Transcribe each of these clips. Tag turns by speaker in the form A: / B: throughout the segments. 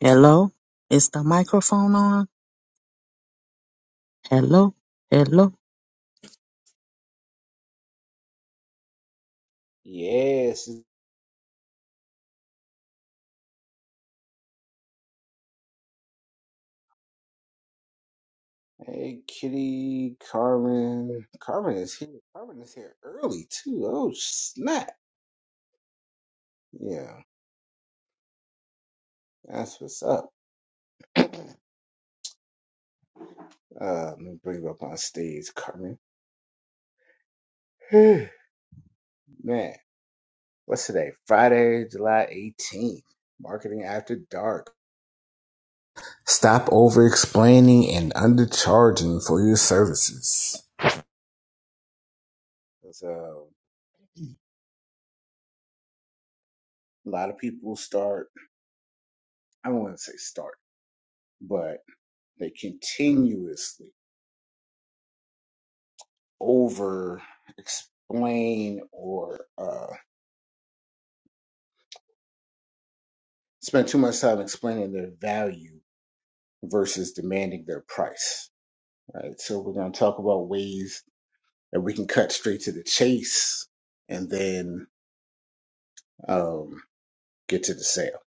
A: Hello? Is the microphone on? Hello? Hello?
B: Yes. Hey, Kitty, Carmen. Carmen is here. Carmen is here early too. Oh snap! Yeah, that's what's up. uh, let me bring you up on stage, Carmen. Man, what's today? Friday, July eighteenth. Marketing after dark. Stop over explaining and undercharging for your services. So, a lot of people start. I don't want to say start, but they continuously. over explain or uh, spend too much time explaining their value versus demanding their price. Right. So we're going to talk about ways that we can cut straight to the chase and then um, get to the sale.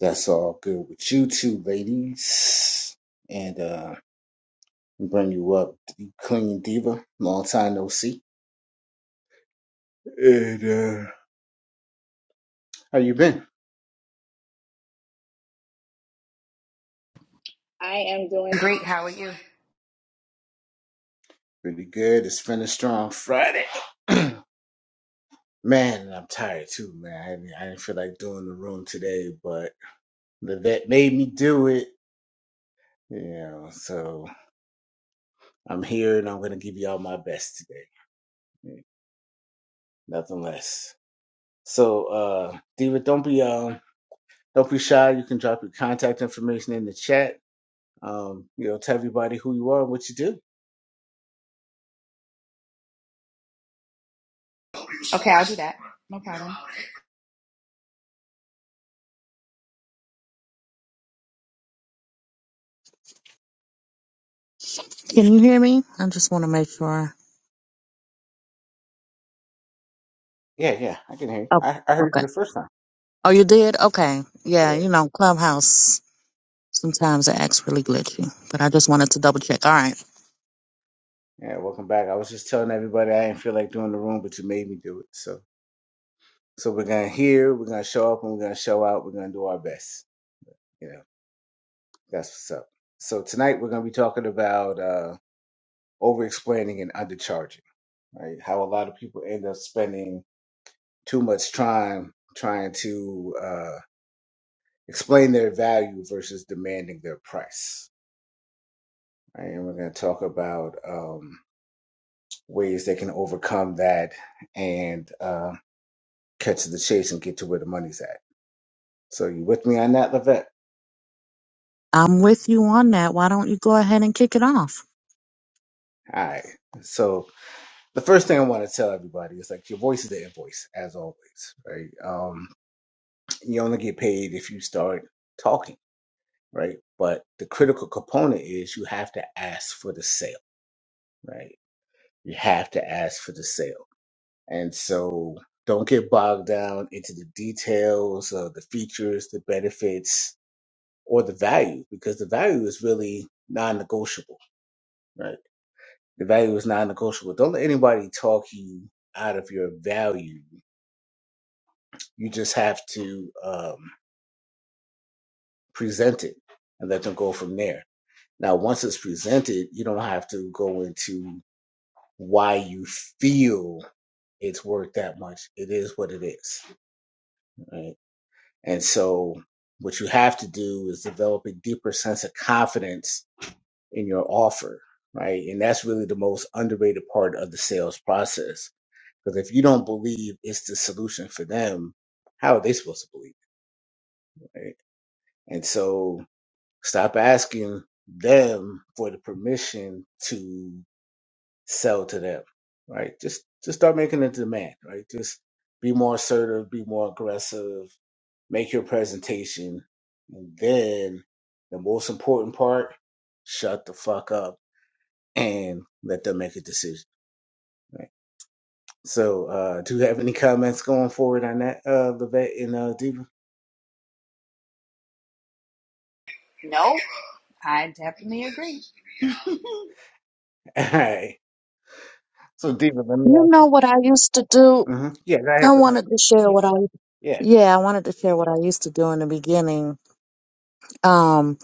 B: That's all good with you two ladies. And uh, bring you up, the Clean Diva. Long time no see. And uh, how you been?
C: I am doing great. How are you?
B: Pretty good. It's finished strong Friday. Man, and I'm tired too, man. I didn't, I didn't feel like doing the room today, but the vet made me do it. You know, so I'm here and I'm gonna give you all my best today. Nothing less. So, uh, Diva, don't be um, don't be shy. You can drop your contact information in the chat. Um, you know, tell everybody who you are and what you do.
C: Okay, I'll do that. No problem.
A: Can you hear me? I just want to make sure.
B: Yeah, yeah, I can hear you.
A: Oh,
B: I, I heard you
A: okay.
B: the first time.
A: Oh, you did? Okay. Yeah,
B: Yeah,
A: you know, Clubhouse, sometimes it acts really glitchy, but I just wanted to double check. All right.
B: yeah. Welcome back. I was just telling everybody I didn't feel like doing the room, but you made me do it. So. So we're gonna hear, we're gonna show up, and we're gonna show out. We're gonna do our best. You know, that's what's up. So tonight we're gonna be talking about uh, over-explaining and undercharging, right? How a lot of people end up spending too much time trying to uh, explain their value versus demanding their price. Right? And we're gonna talk about um, ways they can overcome that and uh, catch the chase and get to where the money's at. So you with me on that, Levette?
A: I'm with you on that. Why don't you go ahead and kick it off?
B: All right. So the first thing I want to tell everybody is like your voice is the invoice, as always, right? Um, you only get paid if you start talking, right? But the critical component is you have to ask for the sale, right? You have to ask for the sale. And so don't get bogged down into the details of the features, the benefits, or the value, because the value is really non negotiable, right? The value is non negotiable. Don't let anybody talk you out of your value You just have to um, present it and let them go from there. Now, once it's presented, you don't have to go into why you feel it's worth that much. It is what it is. Right? And so, what you have to do is develop a deeper sense of confidence in your offer, right? And that's really the most underrated part of the sales process. Because if you don't believe it's the solution for them, how are they supposed to believe? it, Right? And so Stop asking them for the permission to sell to them, right? Just just start making a demand, right? Just be more assertive, be more aggressive, make your presentation, and then the most important part, shut the fuck up and let them make a decision. Right. So, uh, do you have any comments going forward on that, uh, Levette and uh, Diva?
C: I definitely agree.
B: All right. So, Diva, let me
A: You
B: ask.
A: know what I used to do?
B: hmm Yeah, go ahead,
A: I
B: Levette.
A: wanted to share what I
B: Yeah.
A: yeah, I wanted to share what I used to do in the beginning. Um,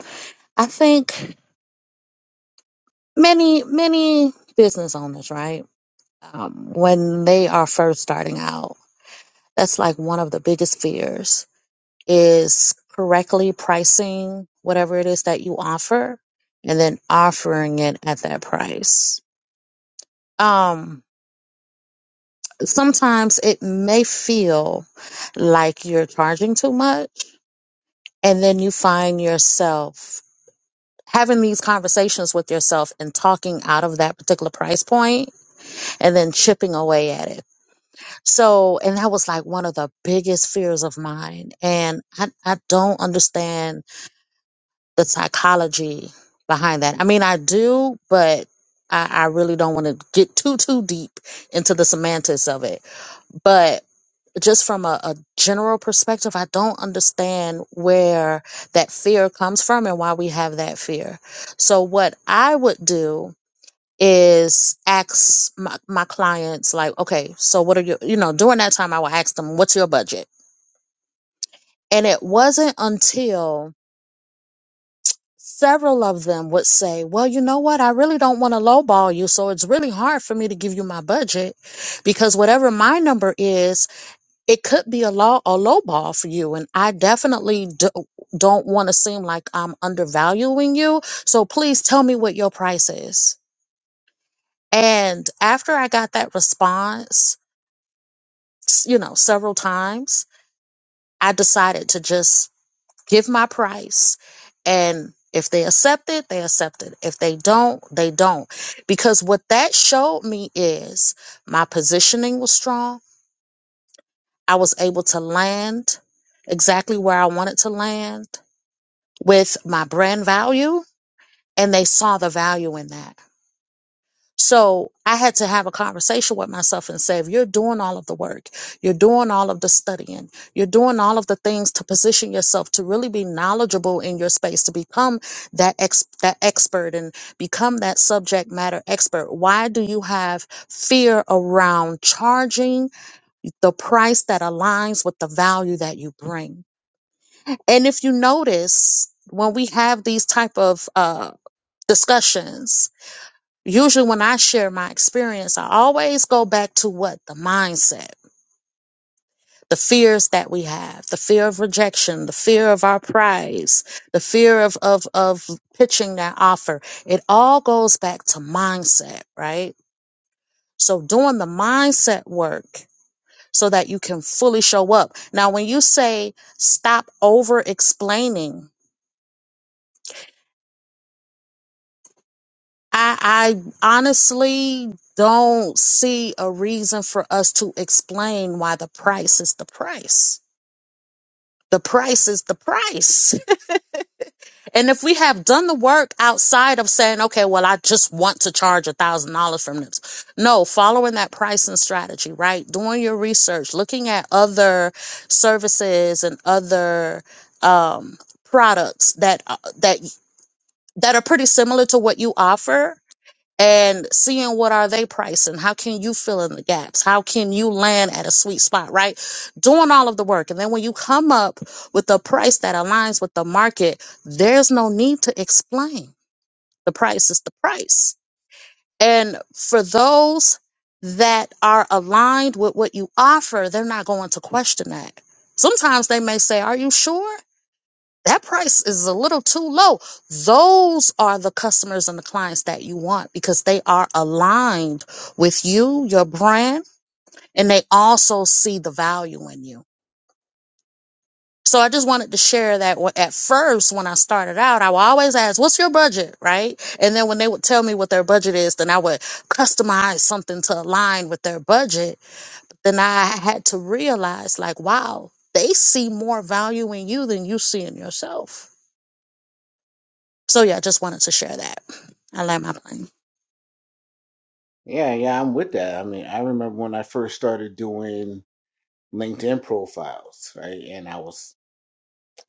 A: I think many many business owners right um, when they are first starting out that's like one of the biggest fears is correctly pricing whatever it is that you offer and then offering it at that price um, sometimes it may feel like you're charging too much and then you find yourself having these conversations with yourself and talking out of that particular price point and then chipping away at it So, and that was like one of the biggest fears of mine. And I, I don't understand the psychology behind that. I mean, I do, but I, I really don't want to get too, too deep into the semantics of it. But just from a, a general perspective, I don't understand where that fear comes from and why we have that fear. So, what I would do is ask my, my clients like okay so what are your you know during that time i would ask them what's your budget and it wasn't until several of them would say well you know what i really don't want to lowball you so it's really hard for me to give you my budget because whatever my number is it could be a low a lowball for you and i definitely do, don't want to seem like i'm undervaluing you so please tell me what your price is and after i got that response s- you know, several times, I decided to just give my price. And if they accept it, they accept it. If they don't, they don't. Because what that showed me is my positioning was strong. I was able to land exactly where I wanted to land with my brand value, and they saw the value in that. So I had to have a conversation with myself and say, if you're doing all of the work, you're doing all of the studying, you're doing all of the things to position yourself to really be knowledgeable in your space, to become that ex- that expert and become that subject matter expert. Why do you have fear around charging the price that aligns with the value that you bring? And if you notice, when we have these type of uh, discussions, usually when I share my experience, I always go back to what the mindset, the fears that we have, the fear of rejection, the fear of our prize, the fear of of of pitching that offer. It all goes back to mindset, right? So doing the mindset work so that you can fully show up. Now, when you say stop over explaining I, I honestly don't see a reason for us to explain why the price is the price. The price is the price. And if we have done the work outside of saying, okay, well, I just want to charge a thousand dollars from this. No, following that pricing strategy, right? Doing your research, looking at other services and other um, products that, uh, that, that are pretty similar to what you offer and seeing what are they pricing how can you fill in the gaps how can you land at a sweet spot right doing all of the work and then when you come up with a price that aligns with the market there's no need to explain the price is the price and for those that are aligned with what you offer they're not going to question that sometimes they may say are you sure that price is a little too low. Those are the customers and the clients that you want because they are aligned with you, your brand, and they also see the value in you. So I just wanted to share that wa- at first when I started out, I would always ask, what's your budget? Right. And then when they would tell me what their budget is, then I would customize something to align with their budget. Then I had to realize like, wow, they see more value in you than you see in yourself So yeah, just wanted to share that. I land my plane.
B: Yeah, yeah, I'm with that. I mean, I remember when I first started doing LinkedIn profiles, right? And I was,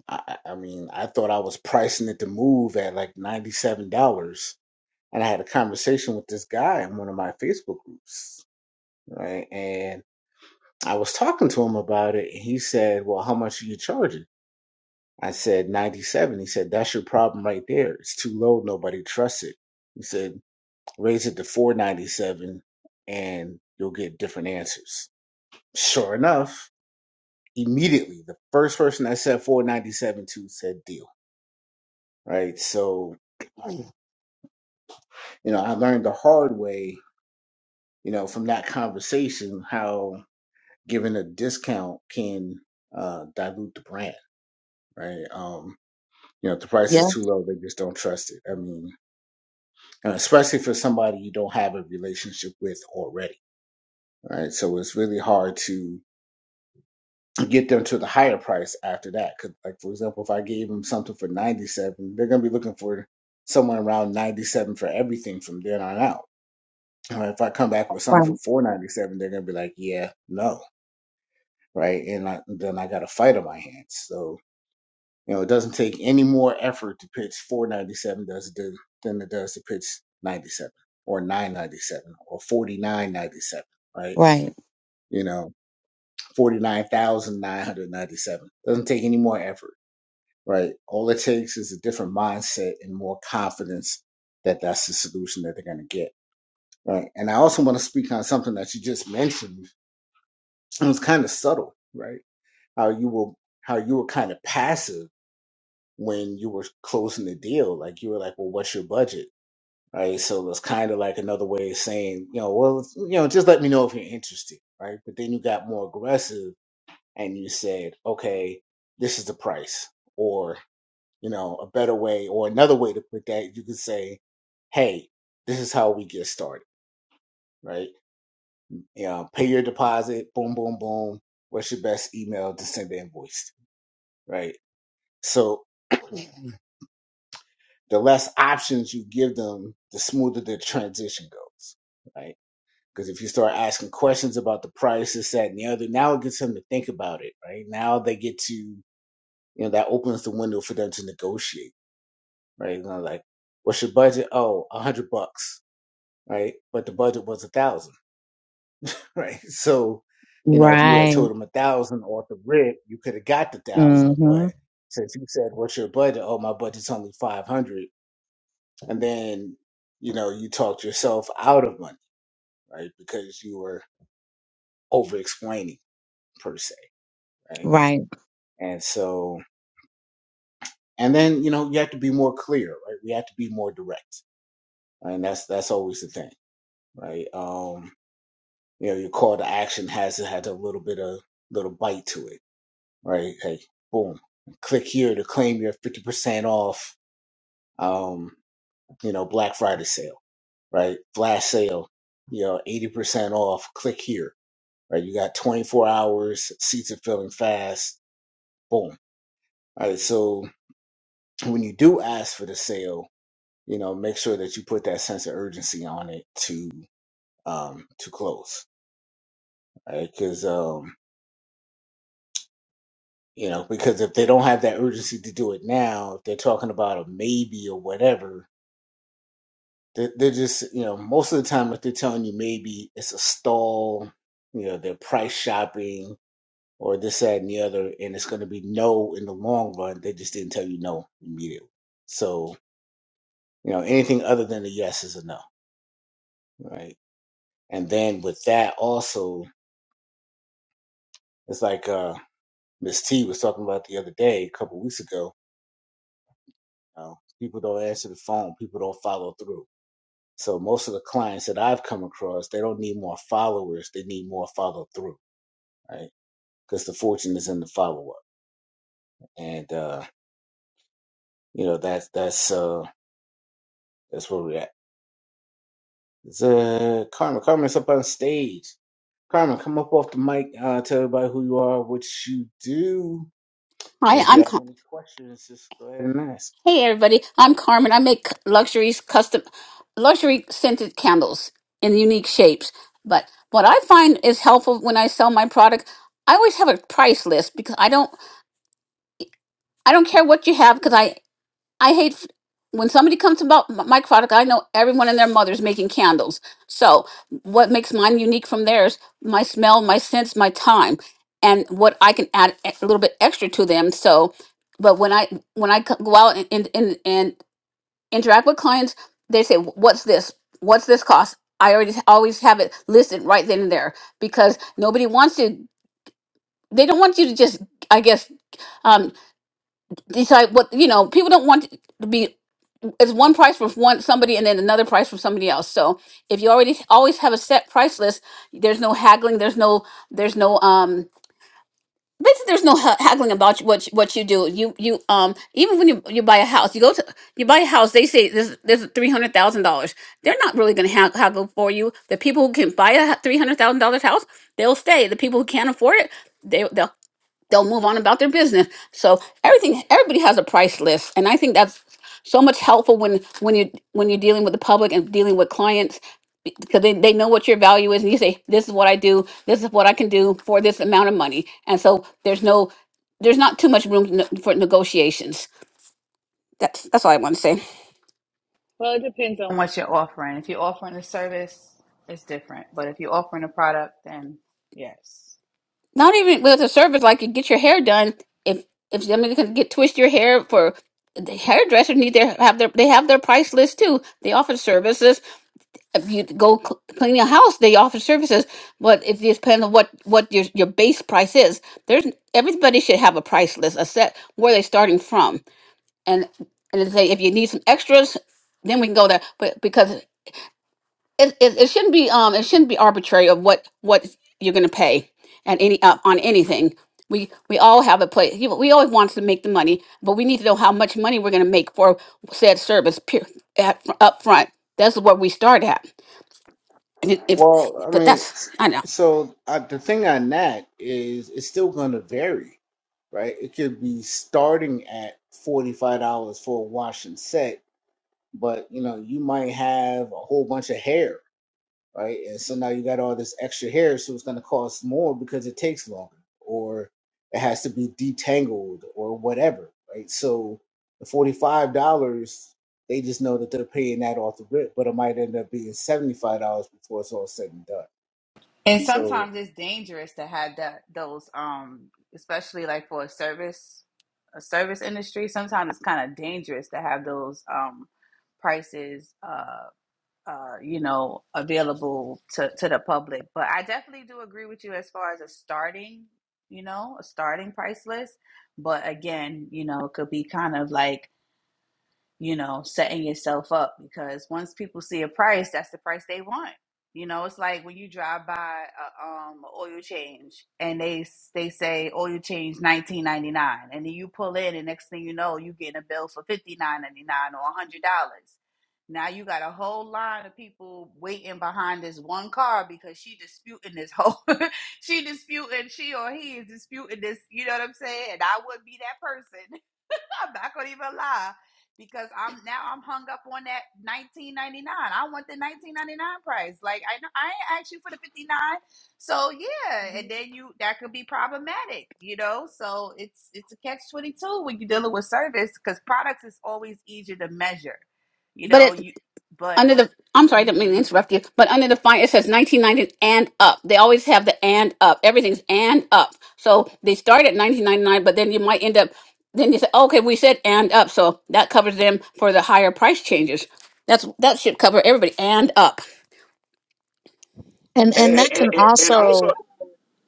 B: I, I I mean, I thought I was pricing it to move at like $97. And I had a conversation with this guy in one of my Facebook groups, right? And I was talking to him about it, and he said, Well, how much are you charging? I said, 97. He said, That's your problem right there. It's too low. Nobody trusts it. He said, Raise it to 497 and you'll get different answers Sure enough, immediately the first person that said 497 to said deal. Right. So, you know, I learned the hard way, you know, from that conversation how giving a discount can uh, dilute the brand. Right. Um, you know, if the price
A: Yeah,
B: is too low, they just don't trust it. I mean, and especially for somebody you don't have a relationship with already. Right. So it's really hard to get them to the higher price after that. 'Cause, like for example, if I gave them something for ninety seven, they're gonna be looking for someone around ninety seven for everything from then on out. Or if I come back with something
A: right,
B: for four ninety seven, they're gonna be like, yeah, no, right? And I, then I got a fight on my hands. So you know, it doesn't take any more effort to pitch four ninety seven does it do- than it does to pitch ninety seven or nine ninety seven or forty nine ninety seven, right?
A: right,
B: You know, forty nine thousand nine hundred ninety seven doesn't take any more effort right? All it takes is a different mindset and more confidence that that's the solution that they're going to get, right? And I also want to speak on something that you just mentioned. It was kind of subtle, right? How you were how you were kind of passive when you were closing the deal, like you were like, "Well, what's your budget?" Right? So it's kind of like another way of saying, you know, well, you know, just let me know if you're interested, right? But then you got more aggressive and you said, "Okay, this is the price," or you know, a better way or another way to put that, you could say, hey, this is how we get started, right? You know, pay your deposit, boom, boom, boom. What's your best email to send the invoice, to, right? So the less options you give them, the smoother the transition goes, right? Because if you start asking questions about the price, this, that, and the other, now it gets them to think about it, right? Now they get to, you know, that opens the window for them to negotiate, right? You know, like, what's your budget? Oh, a hundred bucks right? But the budget was a thousand, right? So, you know, if you would have
A: right.
B: told him a thousand off the rip, you could have got the thousand. But
A: Mm-hmm.
B: since you said, "What's your budget?" Oh, my budget's only five hundred, and then you know you talked yourself out of money, right? Because you were over explaining per se, right?
A: Right.
B: And so, and then you know you have to be more clear, right? We have to be more direct, right? and that's that's always the thing, right? Um, you know, your call to action has has a little bit of little bite to it right? Hey, boom, click here to claim your 50% off, um, you know, Black Friday sale, right? Flash sale, you know, 80% off, click here, right? You got 24 hours, seats are filling fast, boom, All right? So when you do ask for the sale, you know, make sure that you put that sense of urgency on it to, um, to close, right? Cause, um, you know, because if they don't have that urgency to do it now, if they're talking about a maybe or whatever, They're, they're just, you know, most of the time, if they're telling you maybe it's a stall, you know, they're price shopping or this, that, and the other, and it's going to be no in the long run, they just didn't tell you no immediately. So, you know, anything other than a yes is a no, right? And then with that also, it's like uh Miss T was talking about the other day, a couple weeks ago, you know, people don't answer the phone, people don't follow through. So most of the clients that I've come across, they don't need more followers, they need more follow through. right? because the fortune is in the follow up, and uh, you know that's that's uh, that's where we're at. It's, uh, Carmen, Carmen's up on stage. Carmen, come up off the mic. Uh, tell everybody who you are, what you do, and
D: Hi,
B: if you
D: I'm
B: have
D: Car-
B: any questions, just go ahead and ask.
D: Hey everybody. I'm Carmen. I make luxuries, custom luxury scented candles in unique shapes. But what I find is helpful when I sell my product, I always have a price list because I don't I don't care what you have because I I hate f- when somebody comes about m- my product, I know everyone and their mother's making candles. So, what makes mine unique from theirs? My smell, my sense, my time, and what I can add e, a little bit extra to them. So, but when I when I c- go out and and and, interact with clients they say what's this what's this cost i already always have it listed right then and there because nobody wants to they don't want you to just i guess um decide what you know people don't want to be it's one price from one somebody and then another price from somebody else so if you already always have a set price list there's no haggling there's no there's no um, Basically, there's no ha- haggling about what you, what you do. You you um even when you, you buy a house, you go to you buy a house. They say this this is three hundred thousand dollars. They're not really going to ha- haggle for you. The people who can buy a three hundred thousand dollars house, they'll stay. The people who can't afford it, they they'll they'll move on about their business. So everything, everybody has a price list, and I think that's so much helpful when when you when you're dealing with the public and dealing with clients be- because they, they know what your value is and you say this is what i do this is what i can do for this amount of money and so there's no there's not too much room n- for negotiations that's that's all i want to say
C: Well, it depends on what you're offering. If you're offering a service, it's different. But if you're offering a product, then yes.
D: not even with a service like you get your hair done if if somebody can get twist your hair for the hairdressers need their have their they have their price list too they offer services if you go cl- clean your house, they offer services. But it you depend on what what your your base price is, there's n- everybody should have a price list, a set where they're starting from, and and they say if you need some extras, then we can go there. But because it, it, it shouldn't be um it shouldn't be arbitrary of what what you're going to pay and any uh, on anything. We we all have a place. you know, We always want to make the money, but we need to know how much money we're going to make for said service pure, at, up front. That's what we start at if, if
B: Well, I
D: but
B: mean,
D: that's
B: s-
D: I know,
B: so uh, the thing on that is it's still going to vary, right? It could be starting at forty five dollars for a wash and set, but you know you might have a whole bunch of hair right? And so now you got all this extra hair, so it's going to cost more because it takes longer, or it has to be detangled, or whatever, right? So the forty-five dollars, they just know that they're paying that off the rip, but it might end up being seventy-five dollars before it's all said and done.
C: And
B: So
C: sometimes it's dangerous to have that those um, especially like for a service, a service industry. Sometimes it's kind of dangerous to have those um prices uh. uh, you know, available to, to the public. But I definitely do agree with you as far as a starting, you know, a starting price list. But again, you know, it could be kind of like you know, setting yourself up because once people see a price, that's the price they want. You know, it's like when you drive by a um a oil change and they s- they say oil change nineteen ninety nine, and then you pull in, and next thing you know, you getting a bill for fifty nine ninety nine or a hundred dollars. Now you got a whole line of people waiting behind this one car because she disputing this whole, she disputing she or he is disputing this. You know what I'm saying? And I would be that person I'm not gonna even lie because I'm now I'm hung up on that 19.99. I want the 19.99 price. Like I know I ain't asked you for the 59. So yeah, and then you that could be problematic, you know. So it's it's a catch 22 when you're dealing with service because products is always easier to measure, you
D: but
C: know.
D: it
C: You but
D: under the I'm sorry, I didn't mean to
C: mhm.
D: interrupt you, but under the fine it says 1990 and up. They always have the and up. Everything's and up. So they start at 1999, but then you might end up. Then you say, oh, okay, we said and up, so that covers them for the higher price changes. That's that should cover everybody and up.
A: And
E: And,
A: and that
E: and,
A: can
E: and and also,
A: also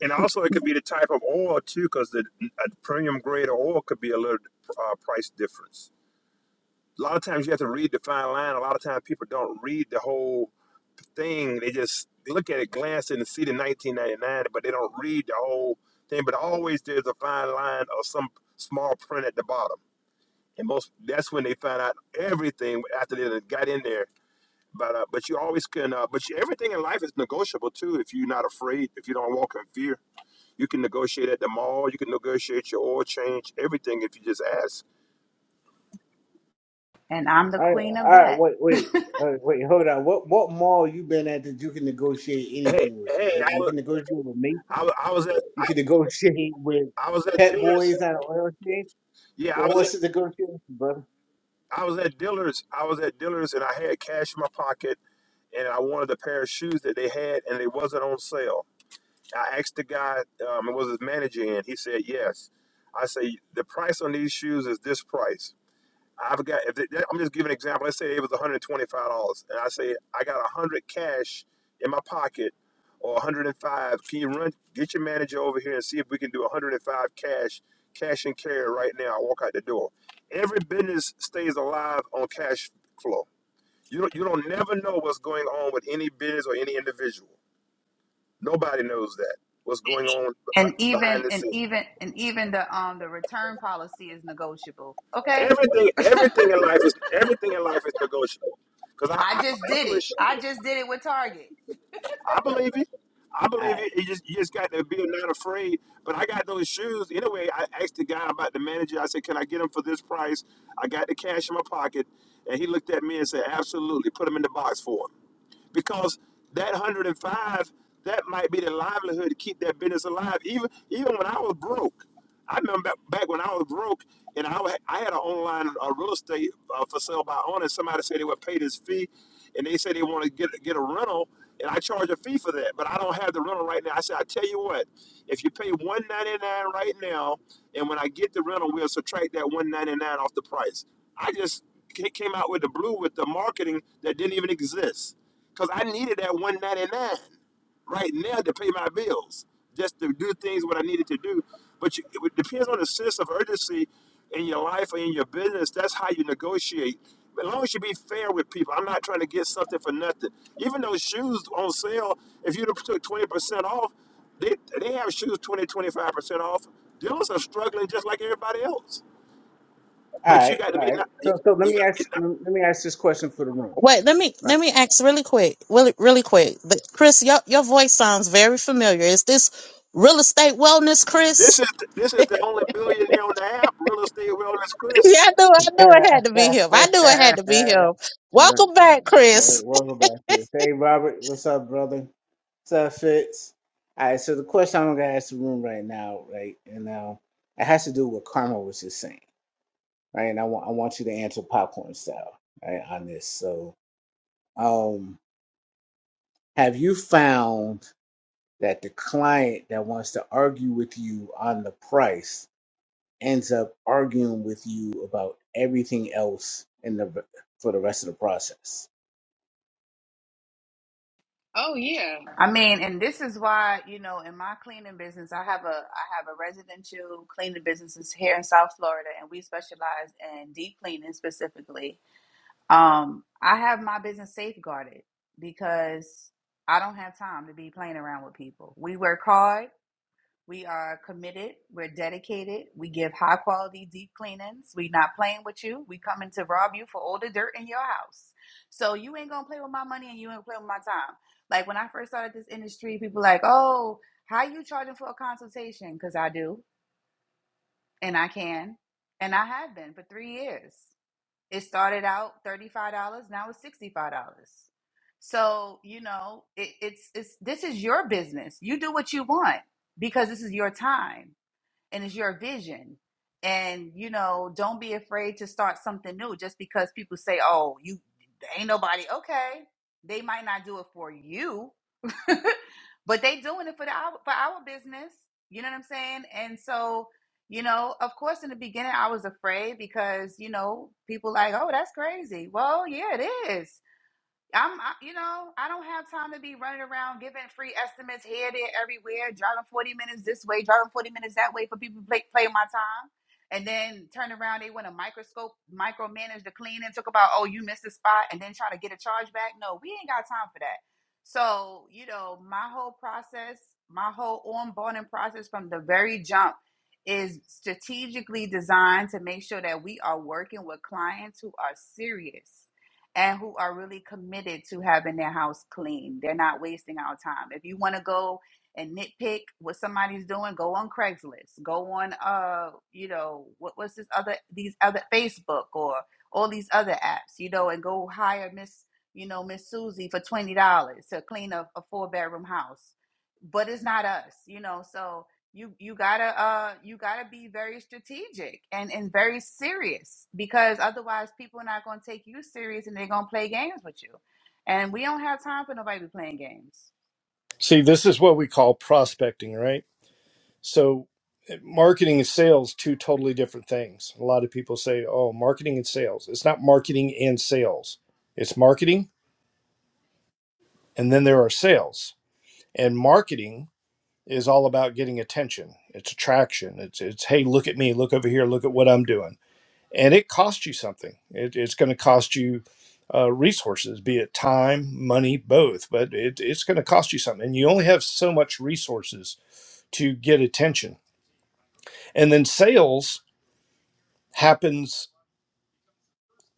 E: and also, it could be the type of oil too, because the a premium grade of oil could be a little uh, price difference. A lot of times you have to read the fine line. A lot of times people don't read the whole thing. They just look at it, glance and see the 1999, but they don't read the whole thing. But always there's a fine line or some small print at the bottom, and most that's when they find out everything after they done got in there but uh, but you always can. Uh, but you, everything in life is negotiable too. If you're not afraid, if you don't walk in fear, you can negotiate at the mall. You can negotiate your oil change, everything if you just ask.
C: and I'm the
B: I,
C: queen of
B: I
C: that.
B: wait, wait. Uh, wait, hold on. What what mall you been at that you can negotiate
E: Hey,
B: anything with,
E: hey,
B: right?
E: I
B: You
E: was
B: can negotiate with
E: I,
B: Macy's.
E: wa- I was at
B: You
E: I,
B: can negotiate with
E: I was at
B: Pet
E: dealers.
B: Boys and oil change.
E: Yeah, I
B: Well,
E: was
B: what's the
E: at,
B: negotiation, brother?
E: I was at dealers. I was at dealers, and I had cash in my pocket, and I wanted a pair of shoes that they had, and it wasn't on sale. I asked the guy, um, it was his manager, and he said yes. I say the price on these shoes is this price. I forgot. If they, I'm just giving an example. Let's say it was $125, and I say I got 100 cash in my pocket, or 105. Can you run? Get your manager over here and see if we can do 105 cash, cash and carry right now. I walk out the door. Every business stays alive on cash flow. You don't, you don't never know what's going on with any business or any individual. Nobody knows that what's going on b-
C: And
E: b-
C: even
E: behind the
C: and
E: scenes.
C: even and even the um the return policy is negotiable. Okay,
E: Everything everything in life is everything in life is negotiable. Because I,
C: I
E: I,
C: just
E: I
C: did it.
E: push.
C: I just did it with Target.
E: I believe you. I
B: All
E: believe
B: right,
E: you. You just you just got to be not afraid. But I got those shoes anyway. I asked the guy about the manager. I said, "Can I get them for this price?" I got the cash in my pocket, and he looked at me and said, "Absolutely. Put them in the box for him." because that 105 that might be the livelihood to keep that business alive even even when i was broke i remember back back when i was broke and i, wa- I had an online uh, real estate uh, for sale by owner and somebody said they would pay this fee and they said they want to get, get a rental and i charge a fee for that but i don't have the rental right now i said i tell you what if you pay 199 right now and when i get the rental we'll subtract that 199 off the price i just ca- came out with the blue with the marketing that didn't even exist because I needed that 199 right now to pay my bills, just to do things what I needed to do. But you, it depends on the sense of urgency in your life or in your business. That's how you negotiate. As long as you be fair with people, I'm not trying to get something for nothing. Even those shoes on sale, if you took 20% off, they, they have shoes twenty twenty five percent off. Dealers are struggling just like everybody else.
B: all
E: But you
B: right,
E: got to
B: all
E: be
B: right.
E: not, you,
B: So, so let
E: you
B: me
E: got to be
B: ask,
E: not.
B: let me ask this question for the room,
A: wait, let me
B: right?
A: let me ask really quick. Really really quick. But Chris, your your voice sounds very familiar. Is this real estate wellness,
E: This
A: Chris?
E: is this is the only billionaire on the app, real estate wellness Chris.
A: Yeah, I knew I knew it had to be
B: right,
A: him. I knew it had to be
B: right,
A: him.
B: right.
A: Welcome back, Chris.
B: Welcome back to it. Hey, Robert, what's up, brother? What's up, Fitz? All right. So the question I'm gonna ask the room right now, right, and now it has to do with what Karma was just saying, right? And I want, I want you to answer popcorn style, right, on this. So, um, have you found that the client that wants to argue with you on the price? ends up arguing with you about everything else in the for the rest of the process.
C: Oh yeah. I mean, and this is why, you know, in my cleaning business, I have a I have a residential cleaning business here in South Florida and we specialize in deep cleaning specifically. Um, I have my business safeguarded because I don't have time to be playing around with people. We work hard we are committed. We're dedicated. We give high quality deep cleanings. we are not playing with you. We coming to rob you for all the dirt in your house. So you ain't gonna play with my money and you ain't gonna play with my time. Like when I first started this industry, people like, oh, how you charging for a consultation? Because I do and I can and I have been for three years. It started out thirty five dollars. Now it's sixty five dollars. So you know, it, it's it's this is your business. You do what you want because this is your time and it's your vision. And you know, don't be afraid to start something new just because people say, "Oh, you ain't nobody." Okay, they might not do it for you, but they doing it for the for our business. You know what I'm saying? And so, you know, of course, in the beginning, I was afraid because you know people like, "Oh, that's crazy." Well, yeah, it is I'm, I, you know, I don't have time to be running around giving free estimates here, there, everywhere, driving 40 minutes this way, driving 40 minutes that way for people to play, play my time. And then turn around, they want to microscope, micromanage the cleaning, talk about, oh, you missed a spot, and then try to get a charge back. No, we ain't got time for that. So, you know, my whole process, my whole onboarding process from the very jump is strategically designed to make sure that we are working with clients who are serious and who are really committed to having their house clean. They're not wasting our time. If you want to go and nitpick what somebody's doing, go on Craigslist. Go on uh, you know, what what's this other these other Facebook or all these other apps, you know, and go hire Miss, you know, Miss Susie for twenty dollars to clean up a four bedroom house. But it's not us, you know. So you you gotta uh you gotta be very strategic and and very serious because otherwise people are not gonna take you serious and they're gonna play games with you and we don't have time for nobody to be playing games
F: See, this is what we call prospecting, right? So, eh, marketing and sales, two totally different things. A lot of people say, oh, marketing and sales. It's not marketing and sales, it's marketing, and then there are sales. And marketing is all about getting attention, it's attraction. It's, it's hey, look at me, look over here, look at what I'm doing. And it costs you something, it, it's going to cost you. Uh, resources, be it time, money, both, but it, it's going to cost you something. And you only have so much resources to get attention. And then sales happens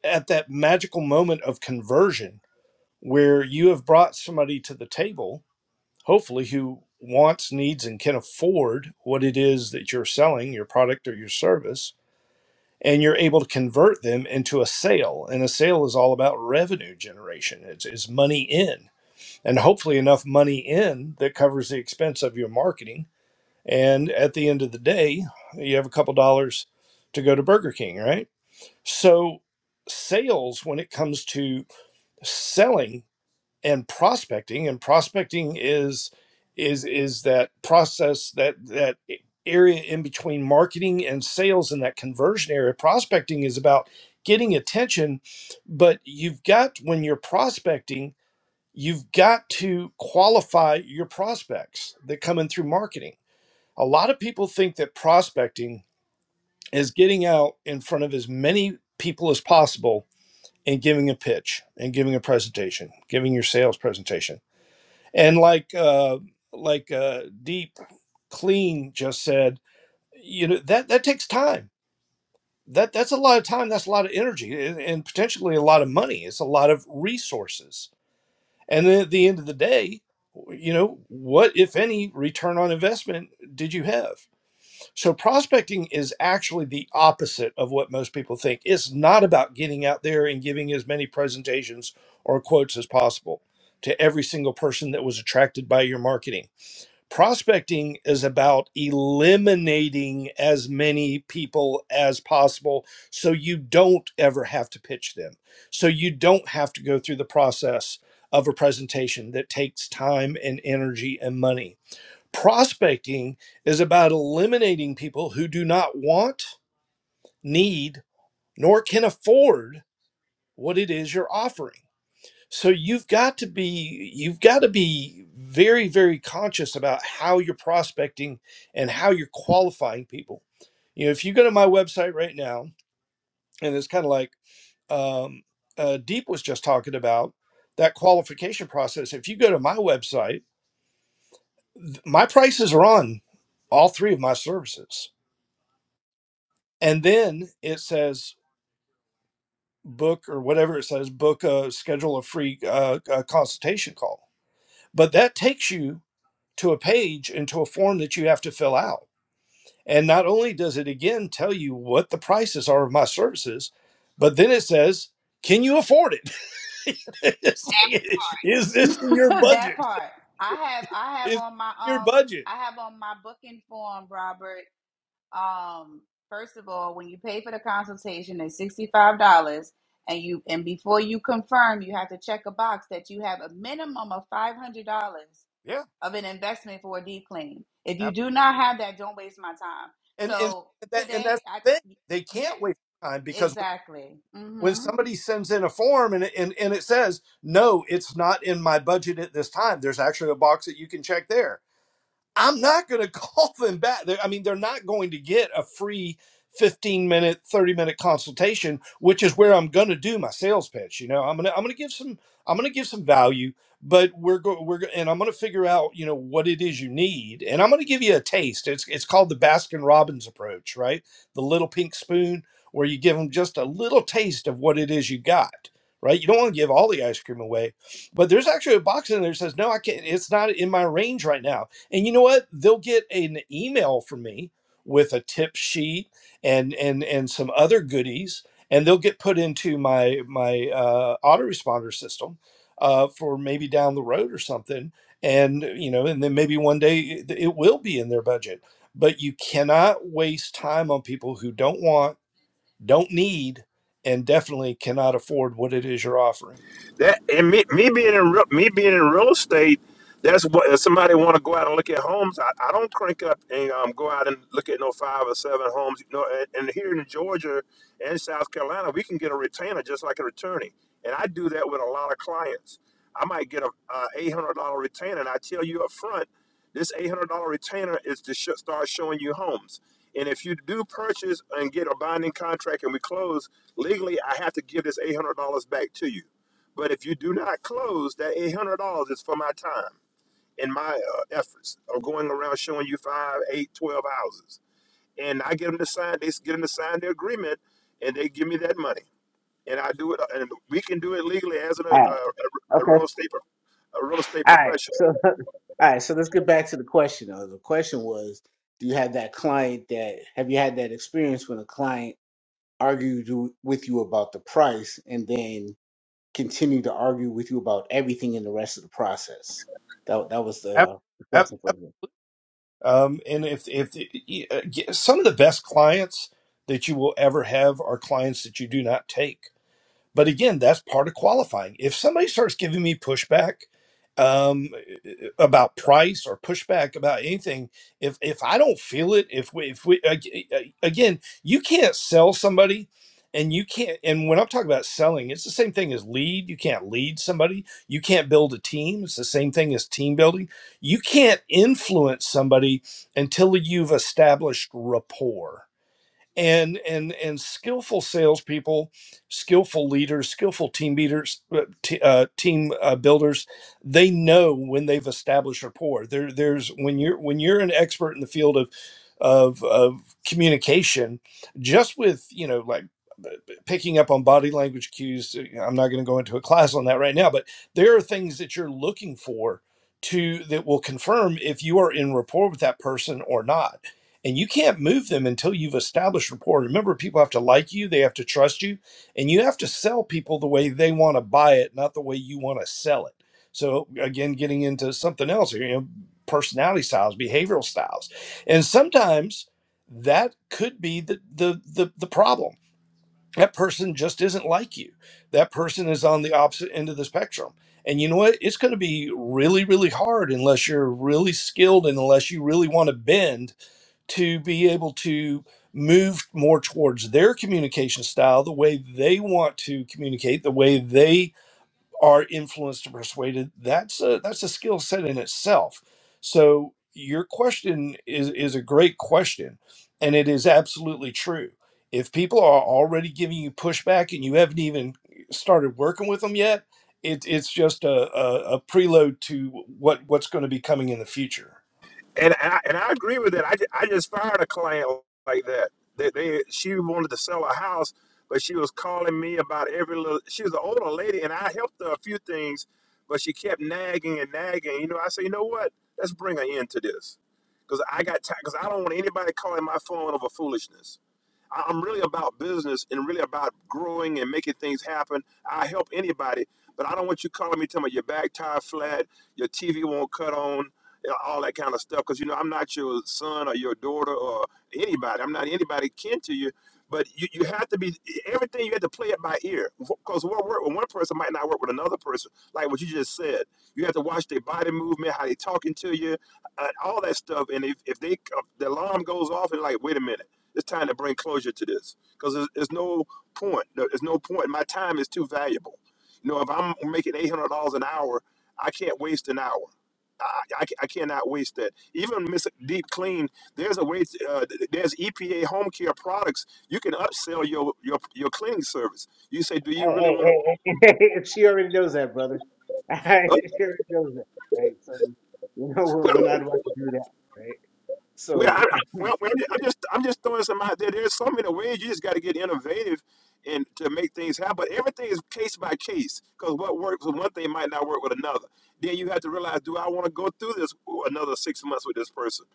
F: at that magical moment of conversion where you have brought somebody to the table, hopefully, who wants, needs, and can afford what it is that you're selling, your product or your service. And you're able to convert them into a sale. And a sale is all about revenue generation. It's, it's money in, and hopefully enough money in that covers the expense of your marketing And at the end of the day, you have a couple dollars to go to Burger King, right? So, sales, when it comes to selling and prospecting, and prospecting is is is that process that that area in between marketing and sales and that conversion area prospecting is about getting attention but you've got when you're prospecting you've got to qualify your prospects that come in through marketing a lot of people think that prospecting is getting out in front of as many people as possible and giving a pitch and giving a presentation, giving your sales presentation. And like uh, like uh, Deep Clean just said, you know that that takes time. That that's a lot of time. That's a lot of energy and, and potentially a lot of money. It's a lot of resources. And then at the end of the day, you know what, if any, return on investment did you have? So prospecting is actually the opposite of what most people think. It's not about getting out there and giving as many presentations or quotes as possible to every single person that was attracted by your marketing. Prospecting is about eliminating as many people as possible so you don't ever have to pitch them. So you don't have to go through the process of a presentation that takes time and energy and money Prospecting is about eliminating people who do not want, need, nor can afford what it is you're offering. So you've got to be you've got to be very very conscious about how you're prospecting and how you're qualifying people. You know, if you go to my website right now, and it's kind of like um, uh, Deep was just talking about that qualification process. If you go to my website, th- my prices are on all three of my services and then it says book or whatever it says book a schedule a free uh, a consultation call but that takes you to a page and to a form that you have to fill out and not only does it again tell you what the prices are of my services but then it says can you afford it it's like is this in your
C: that
F: budget
C: part i have i have
F: is it
C: on my
F: in your
C: um
F: budget
C: i have on my booking form robert um first of all when you pay for the consultation it's $65 and you and before you confirm you have to check a box that you have a minimum of $500
F: yeah
C: of an investment for a deep clean. If you
F: ab-
C: do not have that, don't waste my time.
F: and and
C: So
F: that and
C: today,
F: that's
C: I
F: the thing they
C: yeah,
F: can't waste time because
C: exactly.
F: when
C: hmm
F: somebody sends in a form and it, and, and it says no it's not in my budget at this time there's actually a box that you can check there I'm not going to call them back. They're, I mean, they're not going to get a free 15 minute, 30 minute consultation, which is where I'm going to do my sales pitch. You know, I'm going to, I'm going to give some, I'm going to give some value, but we're going, we're, go- and I'm going to figure out, you know, what it is you need. And I'm going to give you a taste. It's, it's called the Baskin Robbins approach, right? The little pink spoon where you give them just a little taste of what it is you got. Right, you don't want to give all the ice cream away, but there's actually a box in there that says, "No, I can't. It's not in my range right now." and you know what they'll get an email from me with a tip sheet and and and some other goodies and they'll get put into my my uh, autoresponder system uh, for maybe down the road or something and you know and then maybe one day it it will be in their budget but you cannot waste time on people who don't want don't need and definitely cannot afford what it is you're offering
E: that and me, me being in real, me being in real estate that's what if somebody want to go out and look at homes I, I don't crank up and um, go out and look at no five or seven homes you know and, and here in Georgia and South Carolina we can get a retainer just like an attorney and I do that with a lot of clients I might get a, a $800 retainer and I tell you up front this $800 retainer is to sh- start showing you homes and if you do purchase and get a binding contract and we close legally I have to give this $800 back to you but if you do not close, that eight hundred dollars is for my time and my uh, efforts of going around showing you five, eight, twelve houses. And I get them to sign. They get them to sign the agreement, and they give me that money. And I do it. And we can do it legally as an, a, a,
B: All right.
E: a real
B: Okay.
E: estate a real estate
B: All right.
E: professional.
B: So all right. So let's get back to the question. Though. The question was, do you have that client that have you had that experience when a client argued you- with you about the price and then continued to argue with you about everything in the rest of the process? That that was
F: Ab-
B: the, the
F: ab-
B: question for the
F: Um, and if if y- uh, some of the best clients that you will ever have are clients that you do not take. But again, that's part of qualifying. If somebody starts giving me pushback um, about price or pushback about anything, if if I don't feel it, if we, if we ag- ag- again, you can't sell somebody, and you can't. And when I'm talking about selling, it's the same thing as lead. You can't lead somebody. You can't build a team. It's the same thing as team building. You can't influence somebody until you've established rapport and and and skillful salespeople, skillful leaders, skillful team leaders, uh, t- uh, team uh, builders, they know when they've established rapport. There, there's when you're when you're an expert in the field of of of communication, just with you know like picking up on body language cues. I'm not going to go into a class on that right now, but there are things that you're looking for to that will confirm if you are in rapport with that person or not. And you can't move them until you've established rapport. Remember, people have to like you, they have to trust you, and you have to sell people the way they want to buy it, not the way you want to sell it. So again, getting into something else here, you know, personality styles, behavioral styles. And sometimes that could be the the the, the problem that person just isn't like you. That person is on the opposite end of the spectrum. And you know what? It's going to be really, really hard unless you're really skilled and unless you really want to bend to be able to move more towards their communication style, the way they want to communicate, the way they are influenced or persuaded that's a that's a skill set in itself so your question is is a great question and it is absolutely true if people are already giving you pushback and you haven't even started working with them yet it, it's just a, a, a preload to what what's going to be coming in the future
E: and I, and I agree with that. I, ju- I just fired a client like that. That they she wanted to sell a house, but she was calling me about every little. She was an older lady, and I helped her a few things, but she kept nagging and nagging. You know, I said, you know what? Let's bring an end to this, because I got because I don't want anybody calling my phone over foolishness. I- I'm really about business and really about growing and making things happen. I help anybody, but I don't want you calling me telling me your back tire flat, your TV won't cut on, you know, all that kind of stuff. Because you know I'm not your son or your daughter or anybody. I'm not anybody kin to you. But you, you have to be everything. You have to play it by ear because what work with one person might not work with another person. Like what you just said, you have to watch their body movement, how they talking to you, uh, all that stuff. And if, if they if the alarm goes off, and like, wait a minute. It's time to bring closure to this because there's, there's no point. There- There's no point. My time is too valuable. You know, if I'm making eight hundred dollars an hour, I can't waste an hour. I, I, I cannot waste that. Even Miss Deep Clean, there's a way. Uh, there's EPA home care products. You can upsell your your, your cleaning service. You say, do you
B: Hey,
E: really want
B: hey, hey, hey, hey, she already knows that, brother. Alright, she already knows that, right? So, you know, we're, we're
E: to?
B: not about to do that, right?
E: We, I,
B: So,
E: I,
B: all
E: well, well, I'm just, I'm just throwing some out there. There's so many ways. You just got to get innovative and to make things happen. But everything is case by case because what works with one thing might not work with another. Then you have to realize, do I want to go through this another six months with this person?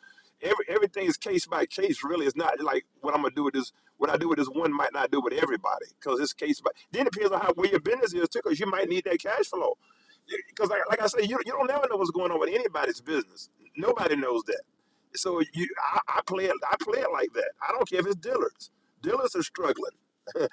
E: Every everything is case by case. Really, it's not like what I'm gonna do with this. What I do with this one might not do with everybody because it's case by. Then it depends on how where your business is too, because you might need that cash flow. Because like, like I say, you, you don't never know what's going on with anybody's business. Nobody knows that. So you, I, I play it. I play it like that. I don't care if it's dealers. Dealers are struggling. if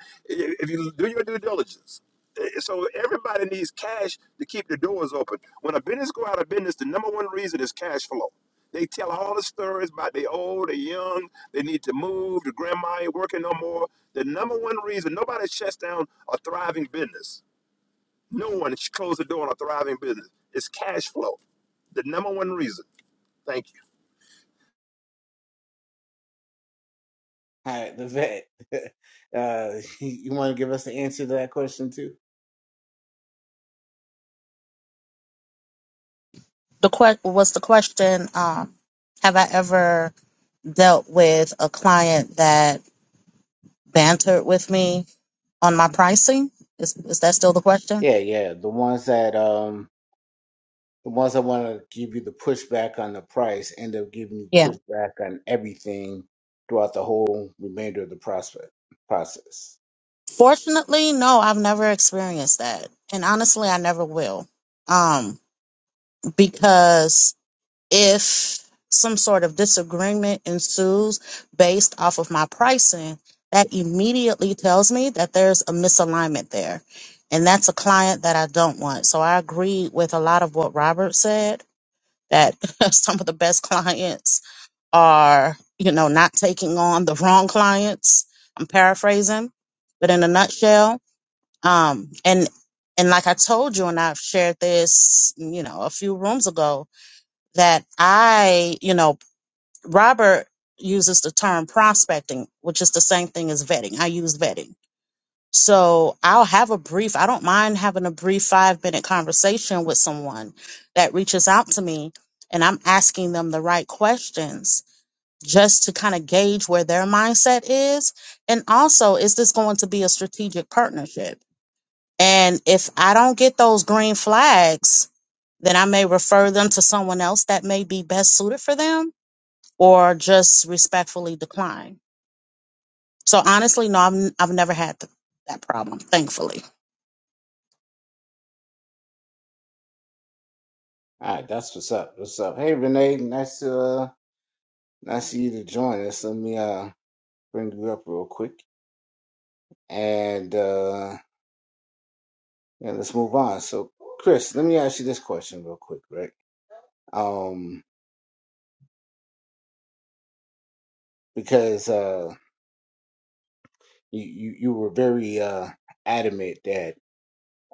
E: if you do your due diligence, Eh, eh, so everybody needs cash to keep the doors open. When a business go out of business, the number one reason is cash flow. They tell all the stories about they old, they young, they need to move, the grandma ain't working no more. The number one reason nobody shuts down a thriving business. No one should close the door on a thriving business. It's cash flow. The number one reason. Thank you.
B: right, the vet, uh, you want to give us the answer to that question too?
A: The que- was the question. Um, have I ever dealt with a client that bantered with me? on my pricing? Is is that still the question?
B: Yeah, yeah. The ones that, um, the ones that want to give you the pushback on the price end up giving you
A: Yeah.
B: pushback on everything throughout the whole remainder of the prospect process.
A: Fortunately, no, I've never experienced that. And honestly, I never will. Um, because if some sort of disagreement ensues based off of my pricing, that immediately tells me that there's a misalignment there. And that's a client that I don't want. So I agree with a lot of what Robert said that some of the best clients are, you know, not taking on the wrong clients. I'm paraphrasing, but in a nutshell, um, and and like I told you, and I've shared this, you know, a few rooms ago, that I, you know, Robert uses the term prospecting, which is the same thing as vetting. I use vetting. So I'll have a brief, I don't mind having a brief five minute conversation with someone that reaches out to me and I'm asking them the right questions just to kind of gauge where their mindset is. And also, is this going to be a strategic partnership? And if I don't get those green flags, then I may refer them to someone else that may be best suited for them or just respectfully decline. So honestly, no, I'm, I've never had th- that problem, thankfully.
B: All right, that's what's up. What's up? Hey, Renee, nice to, uh, Nice of you to join us. Let me uh bring it up real quick, and uh, and let's move on. So, Chris, let me ask you this question real quick, right? Um, because uh, you, you you were very uh, adamant that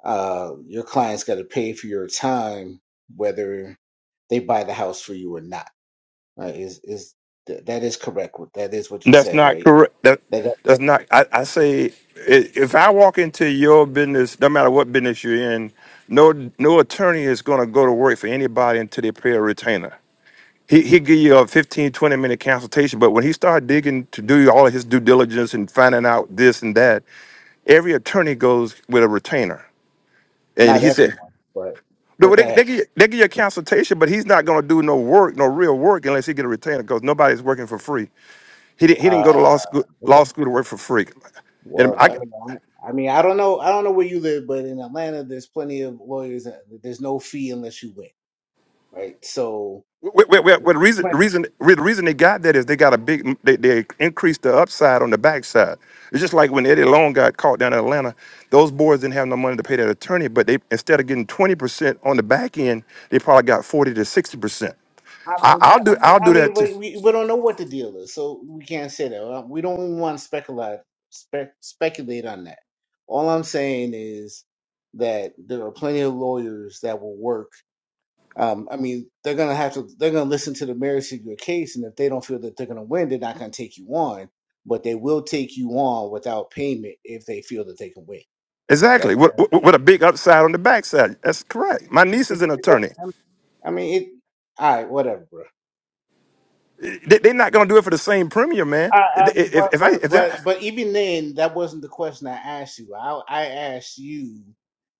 B: uh, your clients got to pay for your time, whether they buy the house for you or not. Right? Is is th- that is correct? What- That is what you
E: That's
B: said,
E: not
B: right?
E: correct. That
B: That, that
E: that's not. I, I say i- if I walk into your business, no matter what business you're in, no no attorney is going to go to work for anybody until they pay a retainer. He he give you a 15 20 minute consultation, but when he start digging to do all of his due diligence and finding out this and that, every attorney goes with a retainer. And
B: not
E: he said,
B: everyone, but
E: no,
B: but go
E: they, they,
B: ahead.
E: give, you- they give you a consultation, but he's not going to do no work, no real work, unless he get a retainer, because nobody's working for free. He didn't. He didn't go to law
B: Uh,
E: school. Law school to work for free. And
B: Well,
E: I.
B: I mean, I I mean, I don't know, I don't know where you live, but in Atlanta, there's plenty of lawyers. That, there's no fee unless you win, right? So,
E: Well, well, well, well, the reason the
B: but
E: reason the reason they got that is they got a big they, they increased the upside on the backside. It's just like when Eddie Long got caught down in Atlanta, those boys didn't have no money to pay that attorney, but they instead of getting twenty percent on the back end, they probably got forty to sixty percent.
B: I
E: I,
B: mean, but,
E: I'll
B: I
E: do
B: mean,
E: I'll
B: I
E: do that
B: mean,
E: too.
B: but we we don't know what the deal is, so we can't say that. Uh, We don't even want to speculate spe- speculate on that. All I'm saying is that there are plenty of lawyers that will work Um, I mean, they're gonna have to. They're gonna listen to the merits of your case, and if they don't feel that they're gonna win, they're not gonna take you on. But they will take you on without payment if they feel that they can win.
E: exactly
B: That's.
E: with, with with a big upside on the backside. That's correct. My niece is an attorney.
B: I mean, it. All right, whatever, bro.
E: They, are not gonna do it for the same premium, man.
B: I, I mean,
E: If
B: but,
E: if I
B: but
E: if
B: but
E: that
B: but even then, that wasn't the question I asked you. I I asked you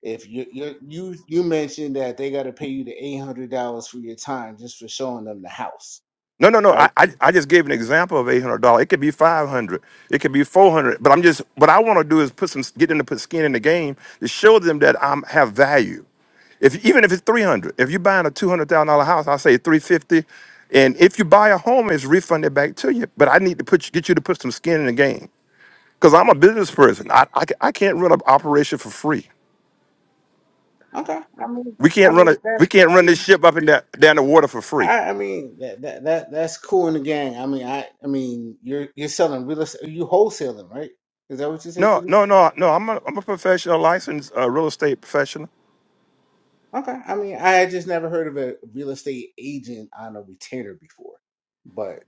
B: if you you you you mentioned that they got to pay you the eight hundred dollars for your time just for showing them the house,
E: No, no, no.
B: right?
E: I, I, I just gave an example of eight hundred dollars. It could be five hundred. It could be four hundred. But I'm just what I want to do is put some get them to put skin in the game to show them that I'm have value. If even if it's three hundred, if you're buying a two hundred thousand dollar house, I say three fifty. And if you buy a home, it's refunded back to you. But I need to put you, get you to put some skin in the game because I'm a business person. I, I, ca- I can't run an operation for free.
B: Okay. I mean,
E: We can't
B: I
E: run a
B: mean
E: we
B: that's
E: can't
B: I
E: run this
B: mean.
E: ship up and down, down the water for free.
B: I, I mean that, that that that's cool in the gang. I mean, I I mean you're you're selling real estate. You wholesaling, right? Is that what you said you
E: No,
B: do?
E: no, no, no. I'm a, I'm a professional, licensed uh, real estate professional.
B: Okay. I mean, I had just never heard of a real estate agent on a retainer before, but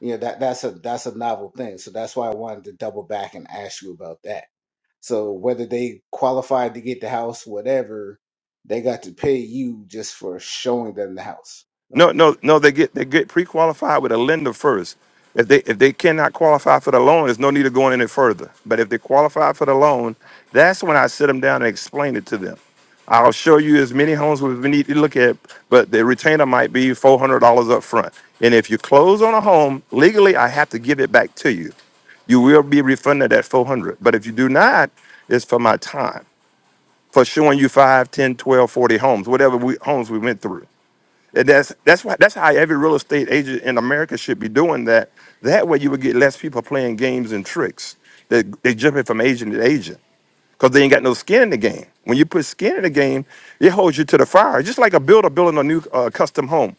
B: you know that that's a that's a novel thing. So that's why I wanted to double back and ask you about that. So whether they qualified to get the house, whatever, they got to pay you just for showing them the house, right?
E: No, no, no. They get they get pre-qualified with a lender first. If they if they cannot qualify for the loan, there's no need of going any further. But if they qualify for the loan, that's when I sit them down and explain it to them. I'll show you as many homes we need to look at, but the retainer might be four hundred dollars up front. And if you close on a home legally, I have to give it back to you. You will be refunded that four hundred. But if you do not, it's for my time for showing you 5, 10, 12, 40 homes, whatever we, homes we went through. And that's that's why that's how every real estate agent in America should be doing that. That way you would get less people playing games and tricks. They they jumping from agent to agent because they ain't got no skin in the game. When you put skin in the game, it holds you to the fire. Just like a builder building a new uh, custom home.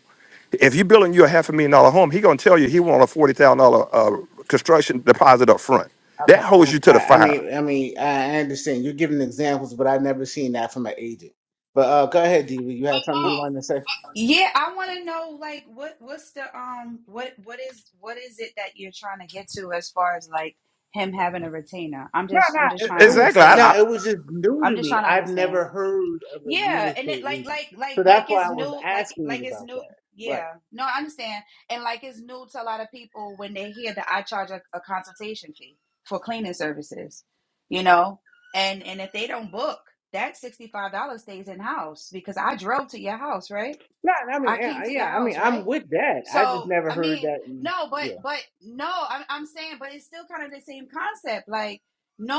E: If you're building you a half a million dollar home, he gonna tell you he want a forty thousand dollar uh, construction deposit up front. That
B: Okay,
E: holds
B: I,
E: you to the
B: I I
E: fire.
B: mean, I mean, I I understand you're giving examples, but I've never seen that from an agent. But uh, go ahead, Diva. You had something
E: Well,
B: you wanted to say?
C: Yeah, I want to know like what what's the um what what is what is it that you're trying to get to as far as like him having a retainer? I'm
B: No,
C: just
B: no,
C: I'm just
B: it,
C: trying
B: it
C: to
E: Exactly.
B: was
E: I,
C: understand.
E: I,
B: no, it was just new
C: I'm
B: to
C: just
B: me.
C: trying to
B: I've never
C: understand.
B: heard of a real
C: Yeah, and it
B: estate
C: like
B: agent,
C: like like
B: so that's
C: like
B: why
C: it's
B: I was
C: new, like
B: asking
C: like
B: you
C: it's
B: about
C: new.
B: that. Right?
C: Yeah, no, I understand, and like it's new to a lot of people when they hear that I charge a, a consultation fee for cleaning services, you know, and and if they don't book, that sixty five dollars stays in house because I drove to your house, right?
B: No, I mean,
C: I came
B: yeah,
C: to your
B: yeah, I mean,
C: house, right?
B: I'm with that. I just
C: So
B: never
C: I
B: heard
C: mean,
B: that. in-
C: no, but
B: Yeah.
C: but no, I'm I'm saying, but it's still kind of the same concept. Like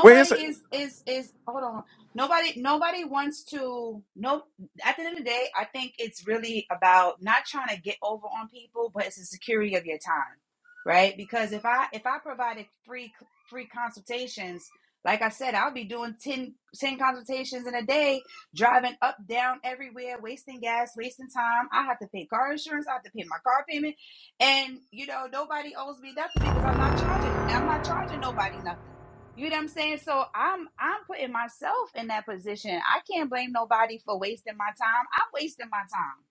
E: well, it's,
C: is is is hold on, nobody nobody wants to no. At the end of the day, I think it's really about not trying to get over on people, but it's the security of your time, right? Because if I if I provided free free consultations, like I said, I'll be doing 10 10 consultations in a day driving up, down, everywhere, wasting gas, wasting time. I have to pay car insurance. I have to pay my car payment, and you know nobody owes me nothing because I'm not charging. I'm not charging nobody nothing. You know what I'm saying? So I'm I'm putting myself in that position. I can't blame nobody for wasting my time. I'm wasting my time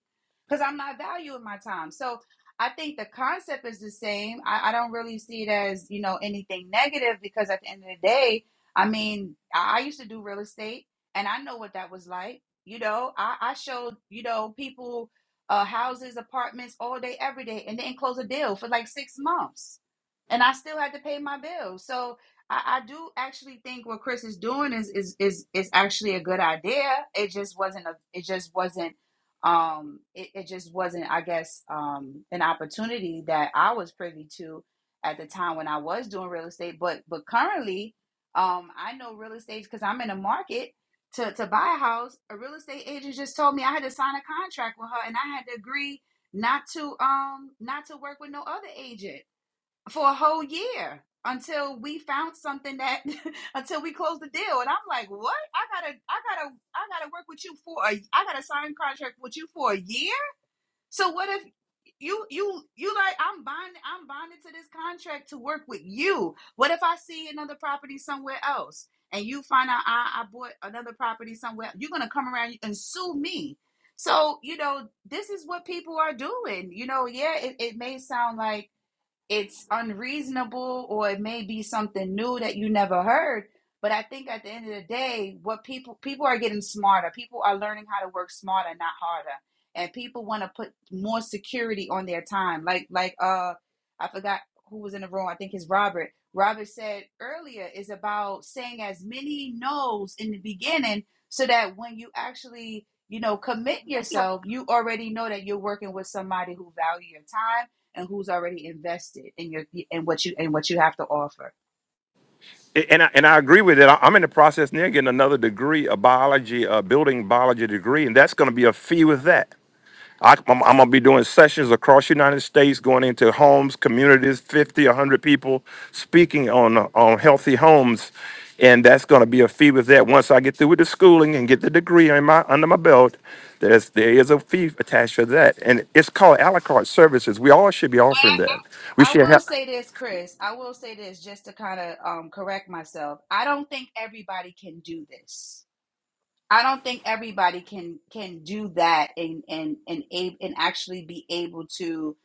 C: because I'm not valuing my time. So I think the concept is the same. I, I don't really see it as you know anything negative because at the end of the day, I mean, I I used to do real estate and I know what that was like. You know, I, I showed you know people uh, houses, apartments all day, every day, and didn't close a deal for like six months, and I still had to pay my bills. So I, I do actually think what Chris is doing is is is is actually a good idea. It just wasn't a. It just wasn't. Um, it, it just wasn't, I guess, um, an opportunity that I was privy to at the time when I was doing real estate. But but currently, um, I know real estate because I'm in the market to, to buy a house, a real estate agent just told me I had to sign a contract with her and I had to agree not to um not to work with no other agent for a whole year until we found something that until we closed the deal. And I'm like, what? I gotta I gotta I gotta work with you for a I gotta sign a contract with you for a year? So what if you you you like I'm bonded I'm bonded to this contract to work with you. What if I see another property somewhere else and you find out I, I bought another property somewhere you're gonna come around and sue me. So, you know, this is what people are doing. You know, yeah, it, it may sound like it's unreasonable or it may be something new that you never heard but i think at the end of the day what people people are getting smarter people are learning how to work smarter not harder and people want to put more security on their time like like uh i forgot who was in the room i think it's robert robert said earlier is about saying as many no's in the beginning so that when you actually you know commit yourself you already know that you're working with somebody who value your time and who's already invested in your in what you in what you have to offer.
E: and I, and I agree with it. I- I'm in the process now getting another degree, a biology, a building biology degree, and that's going to be a fee with that. I, I'm, I'm going to be doing sessions across the United States, going into homes, communities, 50, 100 people, speaking on on healthy homes, and that's going to be a fee with that. Once I get through with the schooling and get the degree in my, under my belt, there's there is a fee attached to that, and it's called a la carte services. We all should be offering that. We
C: I
E: should
C: will
E: have.
C: say this, Chris. I will say this just to kind of um, correct myself. I don't think everybody can do this. I don't think everybody can can do that and and and a- and actually be able to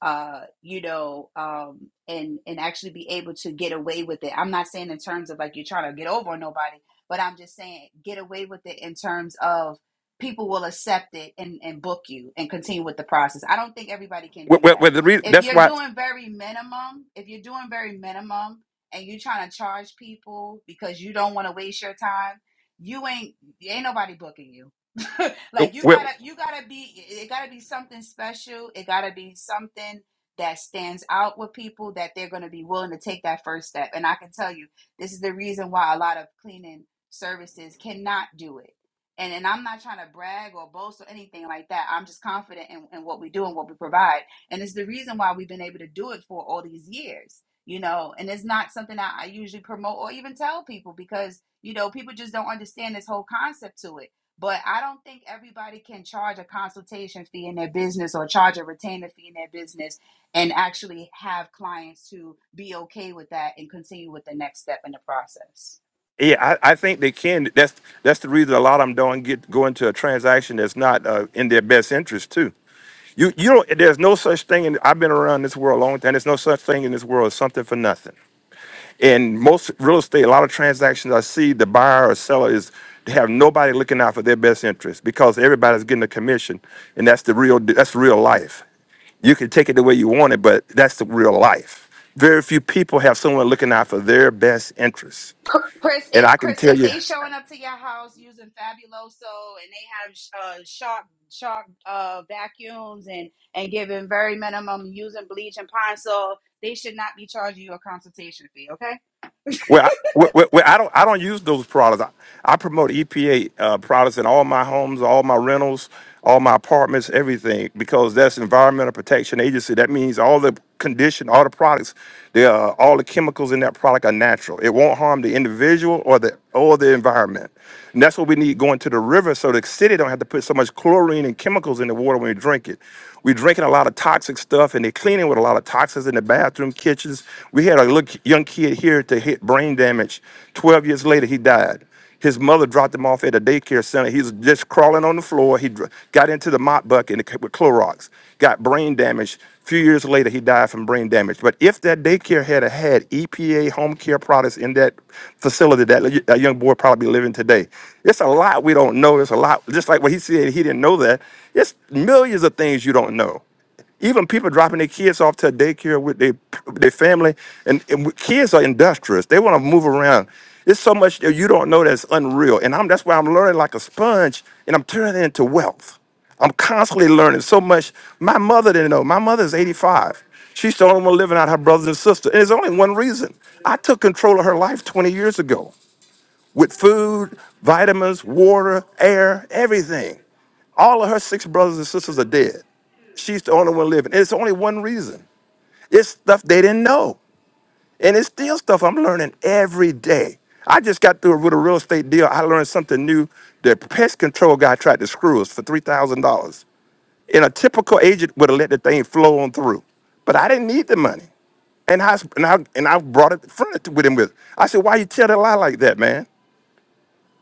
C: uh you know um and and actually be able to get away with it. I'm not saying in terms of like you're trying to get over on nobody, but I'm just saying get away with it in terms of people will accept it and and book you and continue with the process. I don't think everybody can
E: Well,
C: do
E: well, well, the re-
C: that. If
E: that's
C: you're
E: why.
C: doing very minimum, if you're doing very minimum and you're trying to charge people because you don't want to waste your time, you ain't ain't nobody booking you. like you
E: well,
C: gotta you gotta be it gotta be something special. It gotta be something that stands out with people that they're gonna be willing to take that first step. And I can tell you, this is the reason why a lot of cleaning services cannot do it. And and I'm not trying to brag or boast or anything like that. I'm just confident in, in what we do and what we provide. And it's the reason why we've been able to do it for all these years. You know, and it's not something that I usually promote or even tell people because you know, people just don't understand this whole concept to it. But I don't think everybody can charge a consultation fee in their business or charge a retainer fee in their business and actually have clients to be okay with that and continue with the next step in the process.
E: Yeah, I, I think they can. That's that's the reason a lot of them don't get go into a transaction that's not uh, in their best interest too. You you don't. There's no such thing. And I've been around this world a long time. There's no such thing in this world as something for nothing. In most real estate, a lot of transactions I see, the buyer or seller is they have nobody looking out for their best interest because everybody's getting a commission, and that's the real that's real life. You can take it the way you want it, but that's the real life. Very few people have someone looking out for their best interests.
C: Chris,
E: And
C: if
E: I can
C: Chris,
E: tell
C: if
E: you.
C: they showing up to your house using Fabuloso and they have uh, shark shark uh, vacuums and and giving very minimum using bleach and pine sol, they should not be charging you a consultation fee. Okay.
E: Well, I, well, well, well, I don't I don't use those products. I, I promote EPA uh, products in all my homes, all my rentals, all my apartments, everything because that's Environmental Protection Agency. That means all the condition, all the products, the uh, all the chemicals in that product are natural. It won't harm the individual or the or the environment. And that's what we need going to the river so the city don't have to put so much chlorine and chemicals in the water when we drink it. We're drinking a lot of toxic stuff, and they're cleaning with a lot of toxins in the bathroom, kitchens. We had a little young kid here to hit brain damage. Twelve years later, he died. His mother dropped him off at a daycare center. He was just crawling on the floor. He dr- got into the mop bucket with Clorox, got brain damage few years later, he died from brain damage. But if that daycare had had EPA home care products in that facility, that, y- that young boy probably be living today. It's a lot we don't know. It's a lot. Just like what he said, he didn't know that. It's millions of things you don't know even people dropping their kids off to daycare with their their family, and, and w- kids are industrious. They want to move around. It's so much that you don't know that's unreal. And I'm that's why I'm learning like a sponge, and I'm turning it into wealth. I'm constantly learning so much. My mother didn't know. My mother's 85. She's the only one living out her brothers and sisters. And there's only one reason. I took control of her life 20 years ago with food, vitamins, water, air, everything. All of her six brothers and sisters are dead. She's the only one living. And it's only one reason. It's stuff they didn't know. And it's still stuff I'm learning every day. I just got through with a real estate deal. I learned something new. The pest control guy tried to screw us for $3,000. And a typical agent would have let the thing flow on through. But I didn't need the money. And I, and I, and I brought it, fronted with him with. I said, why you tell a lie like that, man?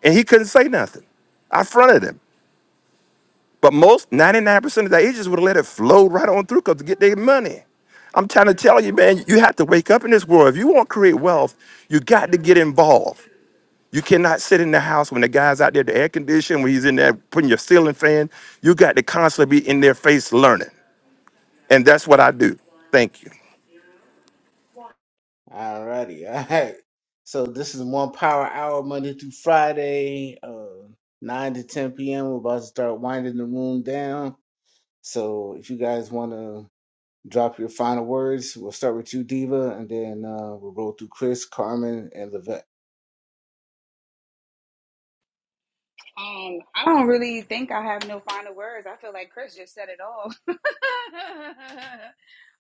E: And he couldn't say nothing. I fronted him. But most, 99% of the agents would have let it flow right on through because to get their money. I'm trying to tell you, man, you have to wake up in this world. If you want to create wealth, you got to get involved. You cannot sit in the house when the guy's out there, the air conditioning, when he's in there putting your ceiling fan. You got to constantly be in their face learning. And that's what I do. Thank you.
B: Alrighty, all right. So this is one power hour Monday through Friday, uh, nine to ten p.m. We're about to start winding the room down. So if you guys want to drop your final words, we'll start with you, Diva, and then uh, we'll roll through Chris, Carmen, and Levette.
C: Um, I don't really think I have no final words. I feel like Chris just said it all.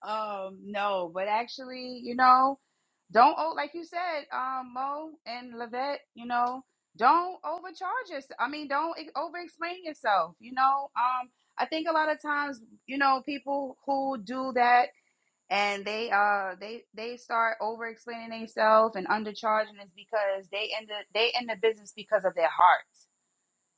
C: um, no, but actually, you know, don't o- like you said, um, Mo and Levette, you know, don't overcharge yourself. I mean, don't ex- over-explain yourself. You know, um, I think a lot of times, you know, people who do that and they uh they they start over-explaining themselves and undercharging is because they in the they in the business because of their hearts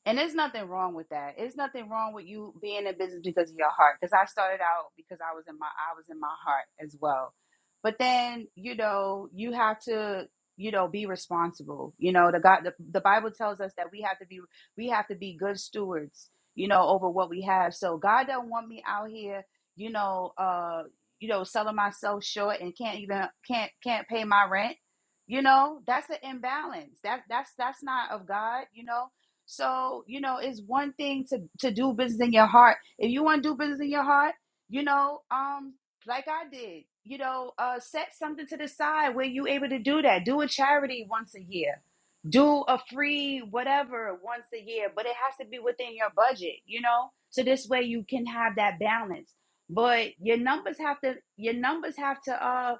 C: and there's nothing wrong with that. There's nothing wrong with you being in business because of your heart. Because I started out because I was in my I was in my heart as well. But then you know you have to you know be responsible. You know the God the, the Bible tells us that we have to be we have to be good stewards. You know over what we have. So God don't want me out here. You know uh you know selling myself short and can't even can't can't pay my rent. You know that's an imbalance. That that's that's not of God. You know so, you know, it's one thing to to do business in your heart. If you want to do business in your heart, you know, um, like I did, you know, uh, set something to the side where you able to do that. Do a charity once a year. Do a free whatever once a year, but it has to be within your budget, you know? So this way you can have that balance. But your numbers have to your numbers have to uh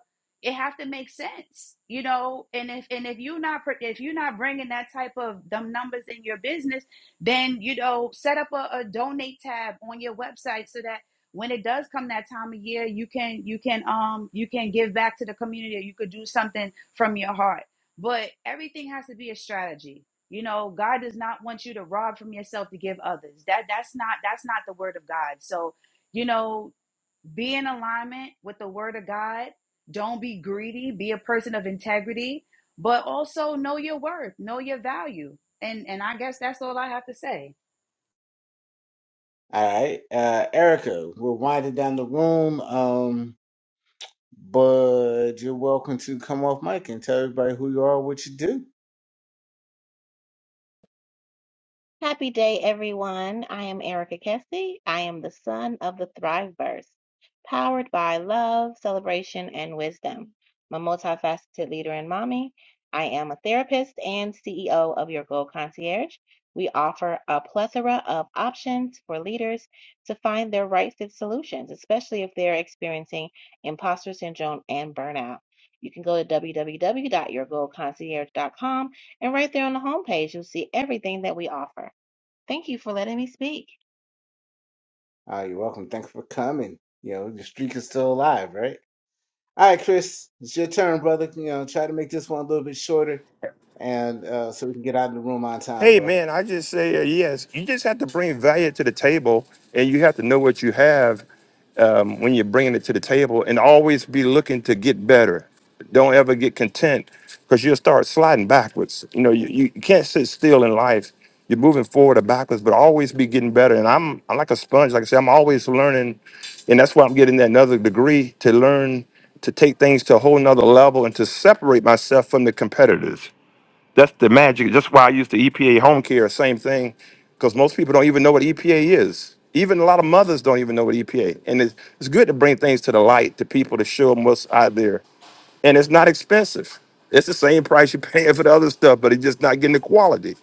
C: it have to make sense you know and if and if you're not if you're not bringing that type of them numbers in your business then you know set up a, a donate tab on your website so that when it does come that time of year you can you can um you can give back to the community or you could do something from your heart but everything has to be a strategy you know god does not want you to rob from yourself to give others that that's not that's not the word of god so you know be in alignment with the word of God. Don't be greedy, be a person of integrity, but also know your worth, know your value. And and I guess that's all I have to say.
B: All right, uh, Erica, we're winding down the room, um, but you're welcome to come off mic and tell everybody who you are, what you do.
G: Happy day, everyone. I am Erica Kessie. I am the son of the Thriveverse, powered by love, celebration, and wisdom. I'm a multifaceted leader and mommy. I am a therapist and CEO of Your Goal Concierge. We offer a plethora of options for leaders to find their right fit solutions, especially if they're experiencing imposter syndrome and burnout. You can go to www.yourgoalconcierge.com and right there on the homepage, you'll see everything that we offer. Thank you for letting me speak.
B: Uh, you're welcome. Thanks for coming. You know, the streak is still alive, right? All right, Chris, it's your turn, brother. You know, try to make this one a little bit shorter, and uh, so we can get out of the room on time,
E: Hey,
B: bro.
E: man, I just say uh, yes. You just have to bring value to the table and you have to know what you have um, when you're bringing it to the table and always be looking to get better. Don't ever get content because you'll start sliding backwards. You know, you, you can't sit still in life. You're moving forward or backwards, but always be getting better. And I'm, I'm like a sponge. Like I said, I'm always learning. And that's why I'm getting that another degree to learn to take things to a whole nother level and to separate myself from the competitors. That's the magic. That's why I use the EPA home care, same thing, because most people don't even know what EPA is. Even a lot of mothers don't even know what EPA. And it's, it's good to bring things to the light to people to show them what's out there. And it's not expensive. It's the same price you're paying for the other stuff, but it's just not getting the quality.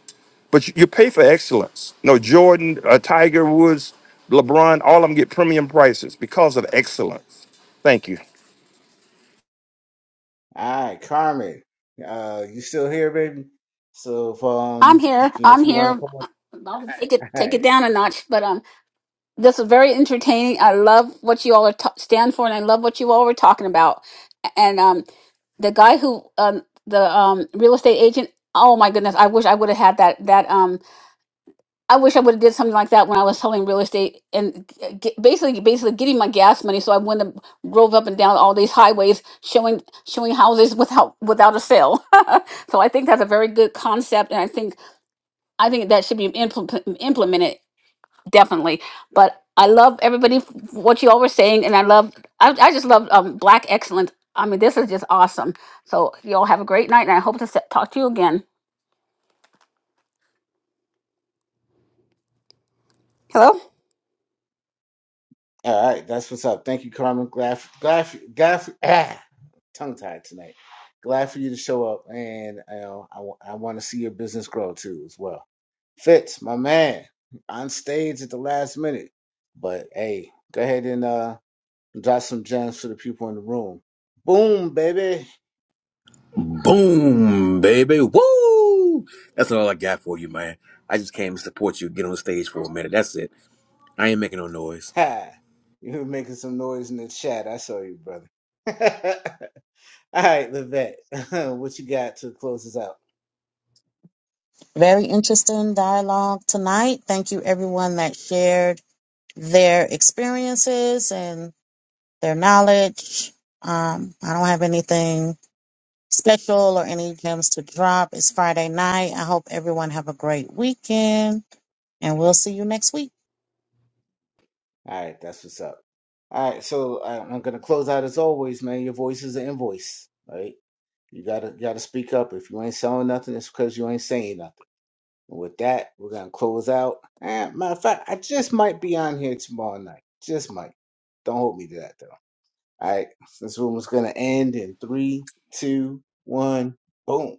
E: But you, you pay for excellence. No, Jordan, uh, Tiger Woods, LeBron, all of them get premium prices because of excellence. Thank you.
B: All right, Carmen, uh, you still here, baby? So, if,
D: I'm
B: um,
D: here.
B: if, you know,
D: I'm
B: if you want to
D: here.
B: come on,
D: I'll take it
B: all
D: take it
B: right,
D: down a notch, but um, This is very entertaining. I love what you all are t- stand for, and I love what you all were talking about. And um, the guy who um, the um, real estate agent. Oh my goodness! I wish I would have had that. That um, I wish I would have did something like that when I was selling real estate and g- get, basically basically getting my gas money, so I wouldn't have drove up and down all these highways showing showing houses without without a sale. so I think that's a very good concept, and I think I think that should be implement, implemented definitely. But I love everybody f- what you all were saying, and I love I, I just love um, Black excellence. I mean, this is just awesome. So you all have a great night, and I hope to se- talk to you again. Hello.
B: all right, that's what's up. Thank you, Carmen. Glad, glad, glad, ah, tongue tied tonight. Glad for you to show up, and you know, I, wa- I want to see your business grow too as well. Fitz, my man, on stage at the last minute, but hey, go ahead and uh, drop some gems for the people in the room. Boom, baby.
H: Boom, baby. Woo! That's all I got for you, man. I just came to support you, get on the stage for a minute. That's it. I ain't making no noise.
B: Ha! You were making some noise in the chat. I saw you, brother. All right, Levette, what you got to close us out?
A: Very interesting dialogue tonight. Thank you everyone that shared their experiences and their knowledge. Um, I don't have anything special or any gems to drop. It's Friday night. I hope everyone have a great weekend and we'll see you next week.
B: All right, that's what's up. All right, so I- I'm gonna close out as always, man. Your voice is an invoice, right? You gotta you gotta speak up. If you ain't selling nothing, it's because you ain't saying nothing. And with that, we're gonna close out. Eh, matter of fact, I just might be on here tomorrow night. Just might. Don't hold me to that though. All right, this room is gonna end in three, two, one, boom.